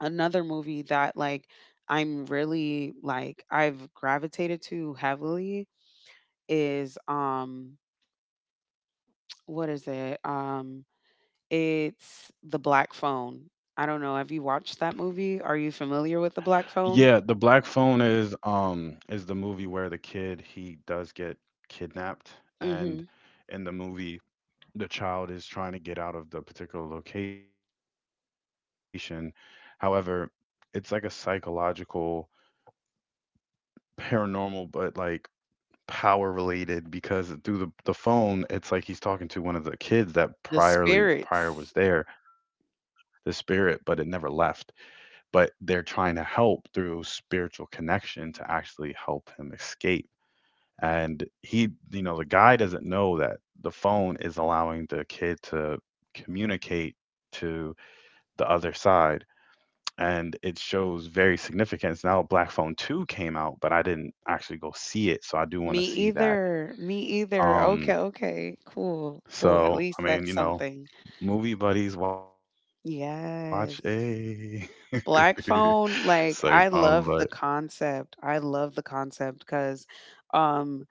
another movie that like I'm really like I've gravitated to heavily is what is it? It's The Black Phone. I don't know, have you watched that movie? Are you familiar with Yeah, The the Black Black Phone? Phone is, is the movie where the kid he does get kidnapped, and Mhm. in the movie the child is trying to get out of the particular location. However, it's like a psychological, paranormal, but, like, power related, because through the phone, it's like he's talking to one of the kids that The prior was there, spirits. the spirit, but it never left. But they're trying to help through spiritual connection to actually help him escape, and he, you know, the guy doesn't know that the phone is allowing the kid to communicate to the other side, and it shows very significance. Now Black Phone 2 came out, but I didn't actually go see it, so I do want to Me see that. either, me either. um Okay, okay. Cool, cool. At so I least mean, you that's know, something. movie buddies watch a Yes. (laughs) it's like, Black Phone, but like I love the (laughs) concept. I love the concept because um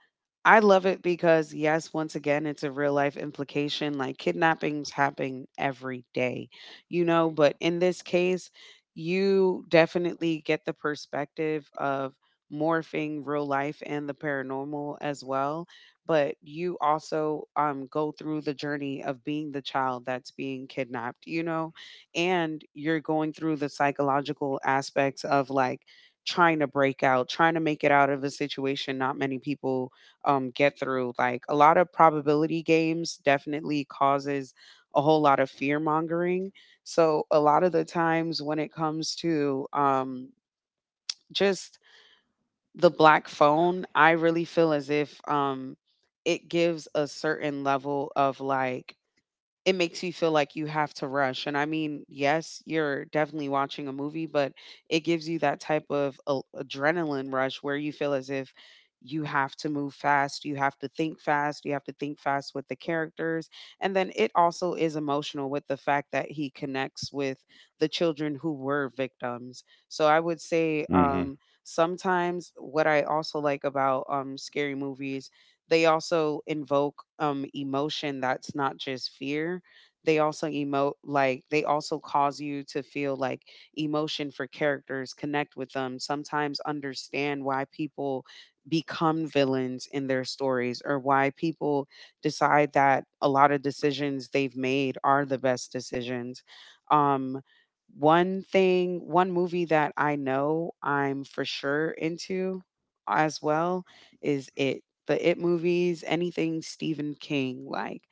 I love it because yes, once again, it's a real life implication. Like kidnappings happen every day, you know, but in this case, you definitely get the perspective of morphing real life and the paranormal as well. But you also go through the journey of being the child that's being kidnapped, you know? And you're going through the psychological aspects of like trying to break out, trying to make it out of a situation not many people get through. Like a lot of probability games definitely causes a whole lot of fear mongering. So a lot of the times when it comes to just the black phone, I really feel as if it gives a certain level of like it makes you feel like you have to rush. And I mean, yes, you're definitely watching a movie, but it gives you that type of a adrenaline rush where you feel as if you have to move fast, you have to think fast, you have to think fast with the characters, and then it also is emotional with the fact that he connects with the children who were victims. So I would say, hmm, sometimes what I also like about scary movies, they also invoke emotion that's not just fear. They also emote, like they also cause you to feel like emotion for characters, connect with them, sometimes understand why people become villains in their stories, or why people decide that a lot of decisions they've made are the best decisions. Um One thing, one movie that I know I'm for sure into as well is it the It movies, anything Stephen King. Like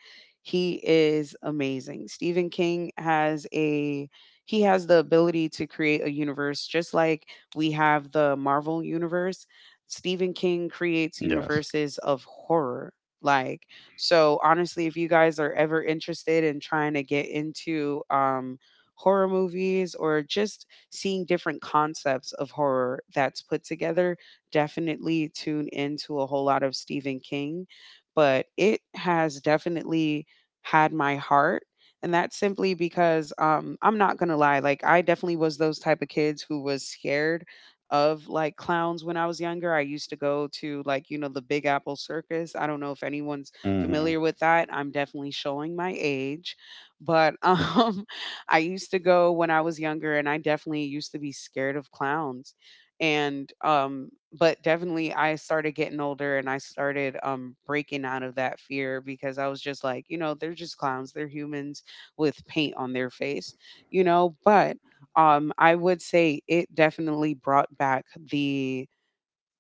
he is amazing. Stephen King has a he has the ability to create a universe just like we have the Marvel universe. Stephen King yes, creates universes of horror. Like so honestly, if you guys are ever interested in trying to get into horror movies or just seeing different concepts of horror that's put together, definitely tune into a whole lot of Stephen King, but it has definitely had my heart. And that's simply because I'm not gonna lie, like I definitely was those type of kids who was scared of like clowns when I was younger. I used to go to, like, you know, the Big Apple Circus. I don't know if anyone's hmm, familiar with that. I'm definitely showing my age. But (laughs) I used to go when I was younger and I definitely used to be scared of clowns, and, but definitely I started getting older and I started, breaking out of that fear because I was just like, you know, they're just clowns. They're humans with paint on their face, you know. But, I would say it definitely brought back the,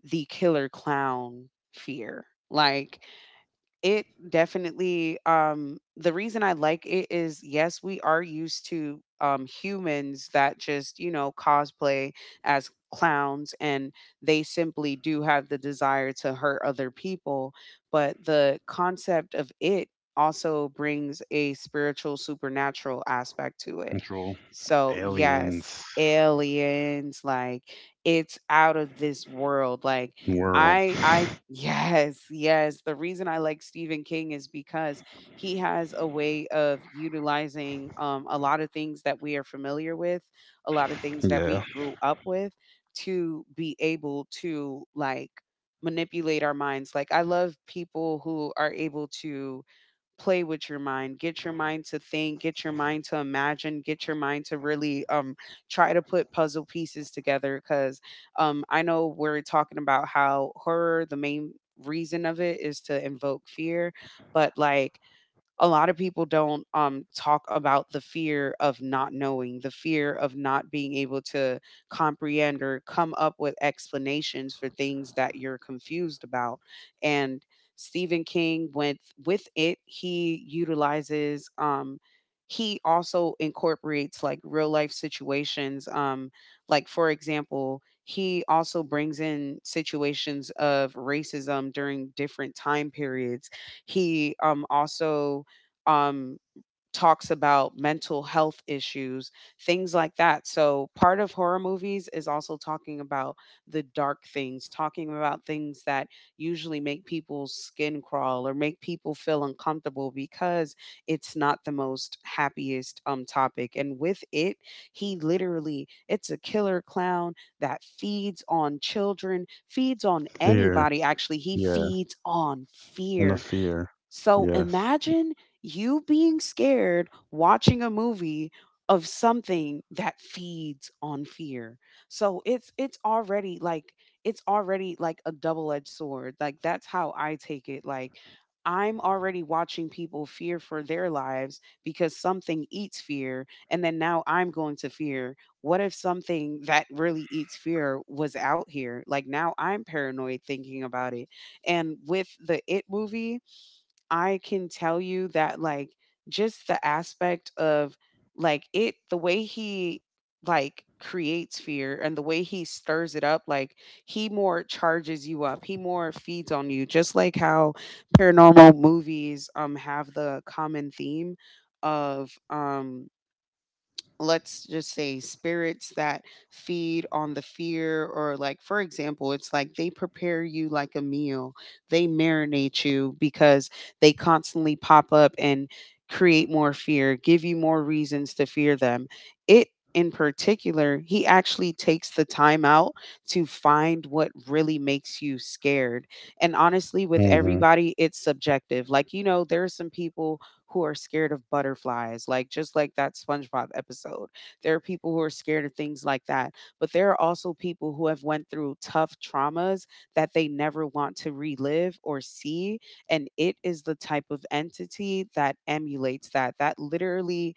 the killer clown fear. Like it definitely the reason I like it is yes, we are used to humans that just, you know, cosplay as clowns, and they simply do have the desire to hurt other people, but the concept of it also brings a spiritual supernatural aspect to control, it. So, aliens, yes, aliens, like it's out of this world. Like world, I yes, yes. The reason I like Stephen King is because he has a way of utilizing a lot of things that we are familiar with, a lot of things yeah, that we grew up with, to be able to like manipulate our minds. Like I love people who are able to play with your mind, get your mind to think, get your mind to imagine, get your mind to really try to put puzzle pieces together. Because I know we're talking about how horror, the main reason of it is to invoke fear, but like a lot of people don't talk about the fear of not knowing, the fear of not being able to comprehend or come up with explanations for things that you're confused about. And Stephen King went with it. He utilizes. He also incorporates like real life situations. Like for example, he also brings in situations of racism during different time periods. He also um, talks about mental health issues, things like that. So, part of horror movies is also talking about the dark things, talking about things that usually make people's skin crawl or make people feel uncomfortable because it's not the most happiest topic. And with it, he literally it's a killer clown that feeds on children, feeds on fear. anybody actually. He Yeah, feeds on and the fear, fear. so Yes. imagine you being scared watching a movie of something that feeds on fear. So it's already like it's already like a double-edged sword. Like that's how I take it. Like I'm already watching people fear for their lives because something eats fear, and then now I'm going to fear. What if something that really eats fear was out here? Like now I'm paranoid thinking about it. And with the It movie, I can tell you that like just the aspect of like it, the way he like creates fear and the way he stirs it up, like he more charges you up, he more feeds on you, just like how paranormal movies have the common theme of let's just say spirits that feed on the fear, or like for example it's like they prepare you like a meal, they marinate you because they constantly pop up and create more fear, give you more reasons to fear them. It in particular, he actually takes the time out to find what really makes you scared. And honestly with Hmm. everybody, it's subjective. Like, you know, there are some people who are scared of butterflies, like just like that SpongeBob episode. There are people who are scared of things like that, but there are also people who have went through tough traumas that they never want to relive or see, and it is the type of entity that emulates that. That literally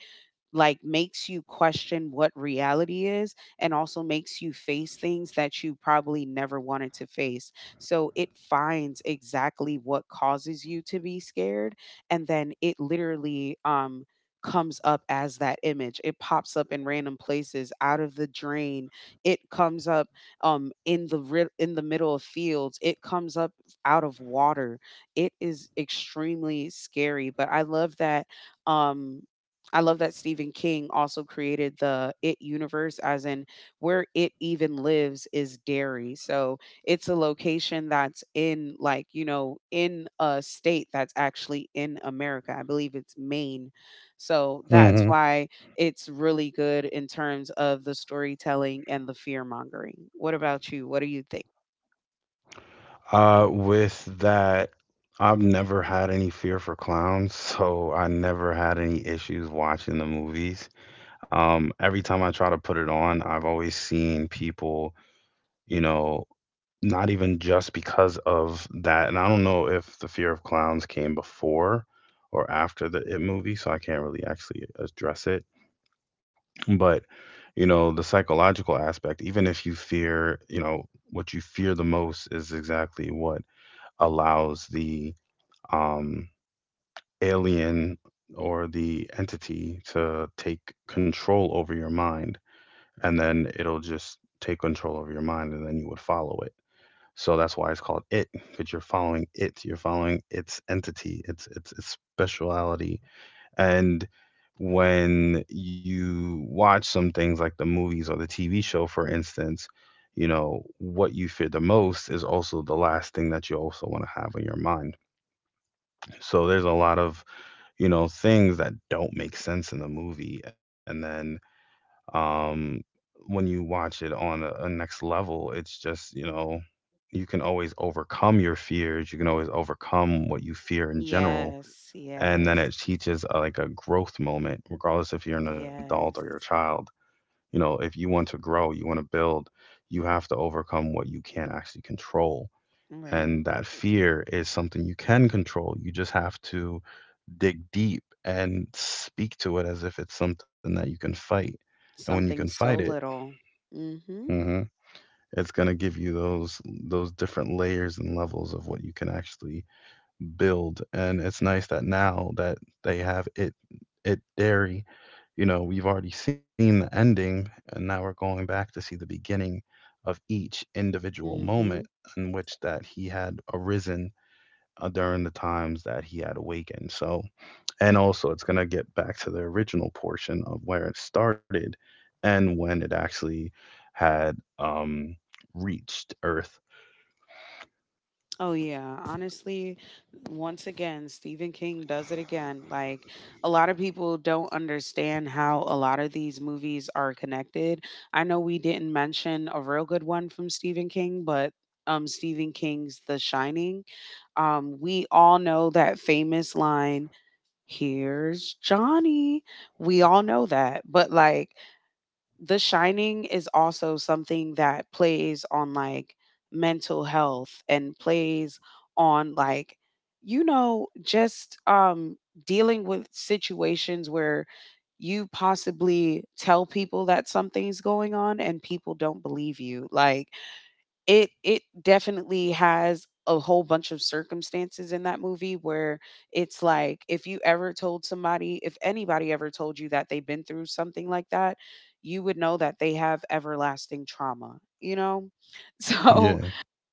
like makes you question what reality is, and also makes you face things that you probably never wanted to face. So it finds exactly what causes you to be scared, and then it literally comes up as that image. It pops up in random places out of the drain. It comes up in the in the middle of fields. It comes up out of water. It is extremely scary, but um I love that Stephen King also created the It universe, as in where it even lives is Derry. So it's a location that's in, like, you know, in a state that's actually in America. I believe it's Maine. So that's Hmm. why it's really good in terms of the storytelling and the fear mongering. What about you? What do you think? With that, I've never had any fear for clowns, (laughs) so I never had any issues watching the movies. Every time I try to put it on, I've always seen people, you know, not even just because of that. And I don't know if the fear of clowns came before or after the It movie, so I can't really actually address it. But, you know, the psychological aspect, even if you fear, you know, what you fear the most is exactly what allows the, um, alien or the entity to take control over your mind. And then it'll just take control over your mind, and then you would follow it. So that's why it's called it, because you're following it. You're following its entity, its speciality, and when you watch some things like the movies or the TV show, for instance, you know, what you fear the most is also the last thing that you also want to have on your mind. So there's a lot of, you know, things that don't make sense in the movie. And then, um, when you watch it on a next level, it's just, you know, you can always overcome your fears. You can always overcome what you fear in general, Yes, and then yes, it teaches, like a growth moment, regardless if you're an adult or you're a yes. child. You know, if you want to grow, you want to build, you have to overcome what you can't actually control, Right. and that fear is something you can control. You just have to dig deep and speak to it as if it's something that you can fight, and when you can Something fight so it, little. Mm hmm. mhm, it's going to give you those different layers and levels of what you can actually build. And it's nice that now that they have it, it dairy, you know, we've already seen the ending, and now we're going back to see the beginning of each individual Mm moment hmm. in which that he had arisen, during the times that he had awakened. So, and also it's going to get back to the original portion of where it started, and when it actually had, um reached earth. Oh yeah, honestly, once again, Stephen King does it again. Like a lot of people don't understand how a lot of these movies are connected. I know we didn't mention a real good one from Stephen King, but Stephen King's The Shining. We all know that famous line, "Here's Johnny." We all know that. But like the Shining is also something that plays on like mental health and plays on like, you know, just dealing with situations where you possibly tell people that something's going on and people don't believe you. Like it definitely has a whole bunch of circumstances in that movie where it's like if you ever told somebody, if anybody ever told you that they've been through something like that, you would know that they have everlasting trauma, you know? (laughs) Yeah. So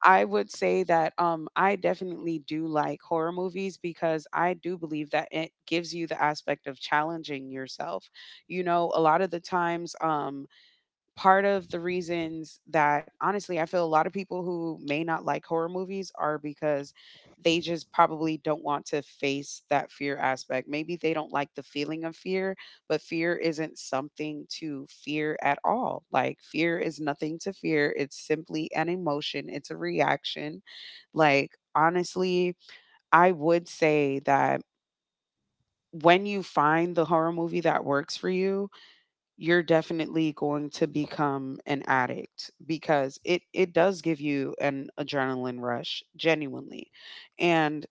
I would say that I definitely do like horror movies because I do believe that it gives you the aspect of challenging yourself. You know, a lot of the times part of the reasons that honestly I feel a lot of people who may not like horror movies are because they just probably don't want to face that fear aspect. Maybe they don't like the feeling of fear, but fear isn't something to fear at all. Like fear is nothing to fear. It's simply an emotion, it's a reaction. Like honestly, I would say that when you find the horror movie that works for you, you're definitely going to become an addict because it does give you an adrenaline rush genuinely. And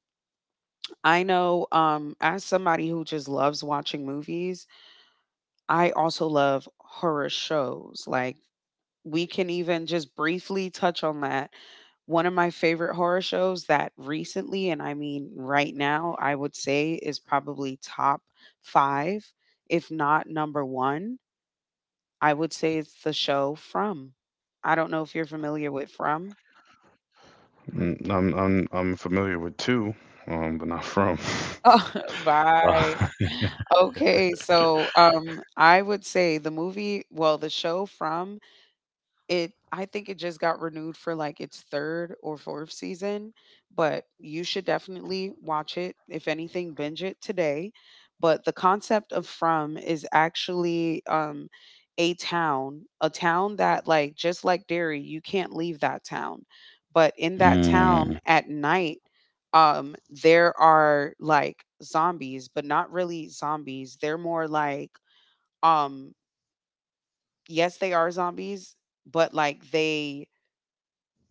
I know as somebody who just loves watching movies, I also love horror shows. Like we can even just briefly touch on that. One of my favorite horror shows that recently, and I mean right now, I would say is probably top five, if not number one, I would say it's the show From. I don't know if you're familiar with From. Mm, I'm familiar with two, but not from. (laughs) Oh. (laughs) Uh, Right. (laughs) Okay, so, I would say the movie well, the show From It I think it just got renewed for like its 3rd or 4th season, but you should definitely watch it. If anything, binge it today. But the concept of From is actually a town that like just like Derry, you can't leave that town. But in that mm, town at night, there are like zombies, but not really zombies. They're more like um yes, they are zombies, but like they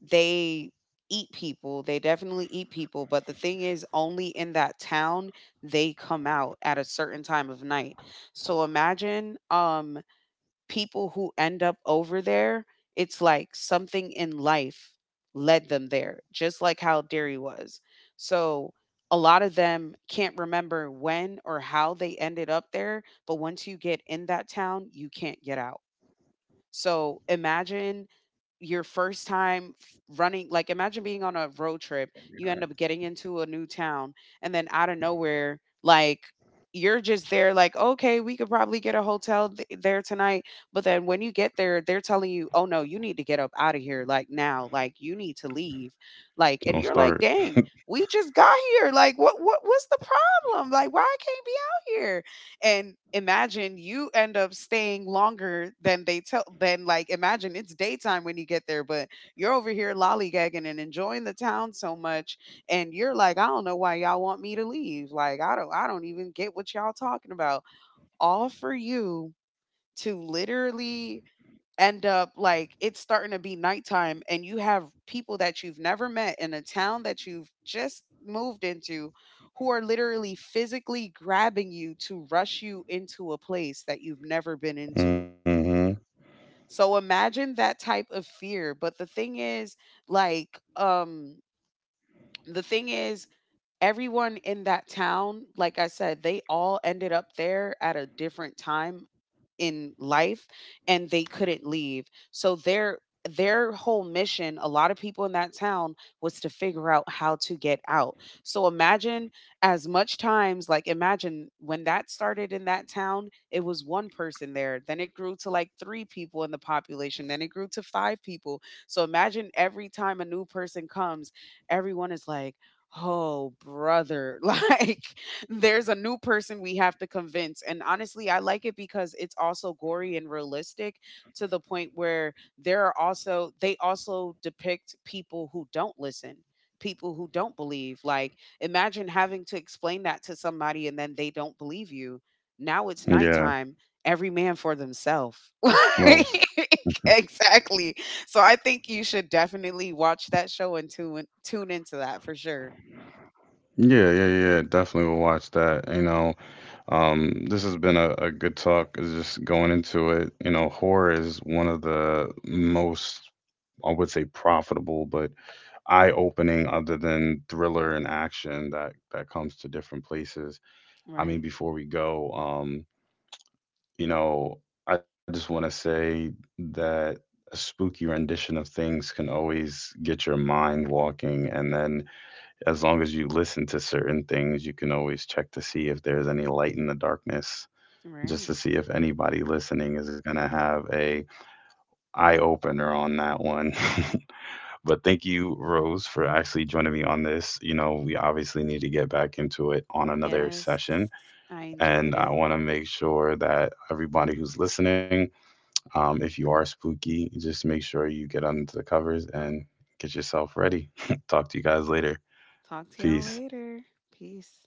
they eat people, they definitely eat people, but the thing is only in that town they come out at a certain time of night. So imagine people who end up over there, it's like something in life led them there, just like how Derry was. So a lot of them can't remember when or how they ended up there, but once you get in that town, you can't get out. So imagine your first time running, like imagine being on a road trip. You end up getting into a new town, and then out of nowhere, like you're just there, like, okay, we could probably get a hotel there tonight. But then when you get there, they're telling you, oh no, you need to get up out of here, like now, like you need to leave. Like, don't and you're start. like, dang, we just got here. Like, what's the problem? Like, why I can't be out here? And imagine you end up staying longer than they tell than like imagine it's daytime when you get there, but you're over here lollygagging and enjoying the town so much, and you're like I don't know why y'all want me to leave, like I don't even get what y'all talking about. All for you to literally end up like it's starting to be nighttime and you have people that you've never met in a town that you've just moved into who are literally physically grabbing you to rush you into a place that you've never been into. Hmm. So imagine that type of fear, but like um the thing is everyone in that town, like I said, they all ended up there at a different time in life, and they couldn't leave. So their whole mission, a lot of people in that town, was to figure out how to get out. So imagine as much times, like imagine when that started in that town, it was one person there, then it grew to like 3 people in the population, then it grew to 5 people. So imagine every time a new person comes, everyone is like, "Oh, brother." (laughs) Like (laughs) there's a new person we have to convince. And honestly, I like it because it's also gory and realistic to the point where there are also they also depict people who don't listen. People who don't believe. Like, imagine having to explain that to somebody and then they don't believe you. Now it's Yeah, nighttime, every man for themselves. most. (laughs) Exactly. So I think you should definitely watch that show and tune into that for sure. Yeah, yeah, yeah. Definitely will watch that. You know, this has been a good talk. Is just going into it, you know, horror is one of the most, I would say, profitable, but eye-opening, other than thriller and action that comes to different places. I mean, Right. before we go, you know, I just want to say that a spooky rendition of things can always get your mind walking, and then as long as you listen to certain things, you can always check to see if there's any light in the darkness, just Right. to see if anybody listening is going to have a eye opener on that one. (laughs) But thank you, Rose, for actually joining me on this. You know, we obviously need to get back into it on another Yes. session, I enjoyed and I it. want to make sure that everybody who's listening, if you are spooky, just make sure you get under the covers and get yourself ready. (laughs) Talk to you guys later. Talk to y'all Peace. later. Peace.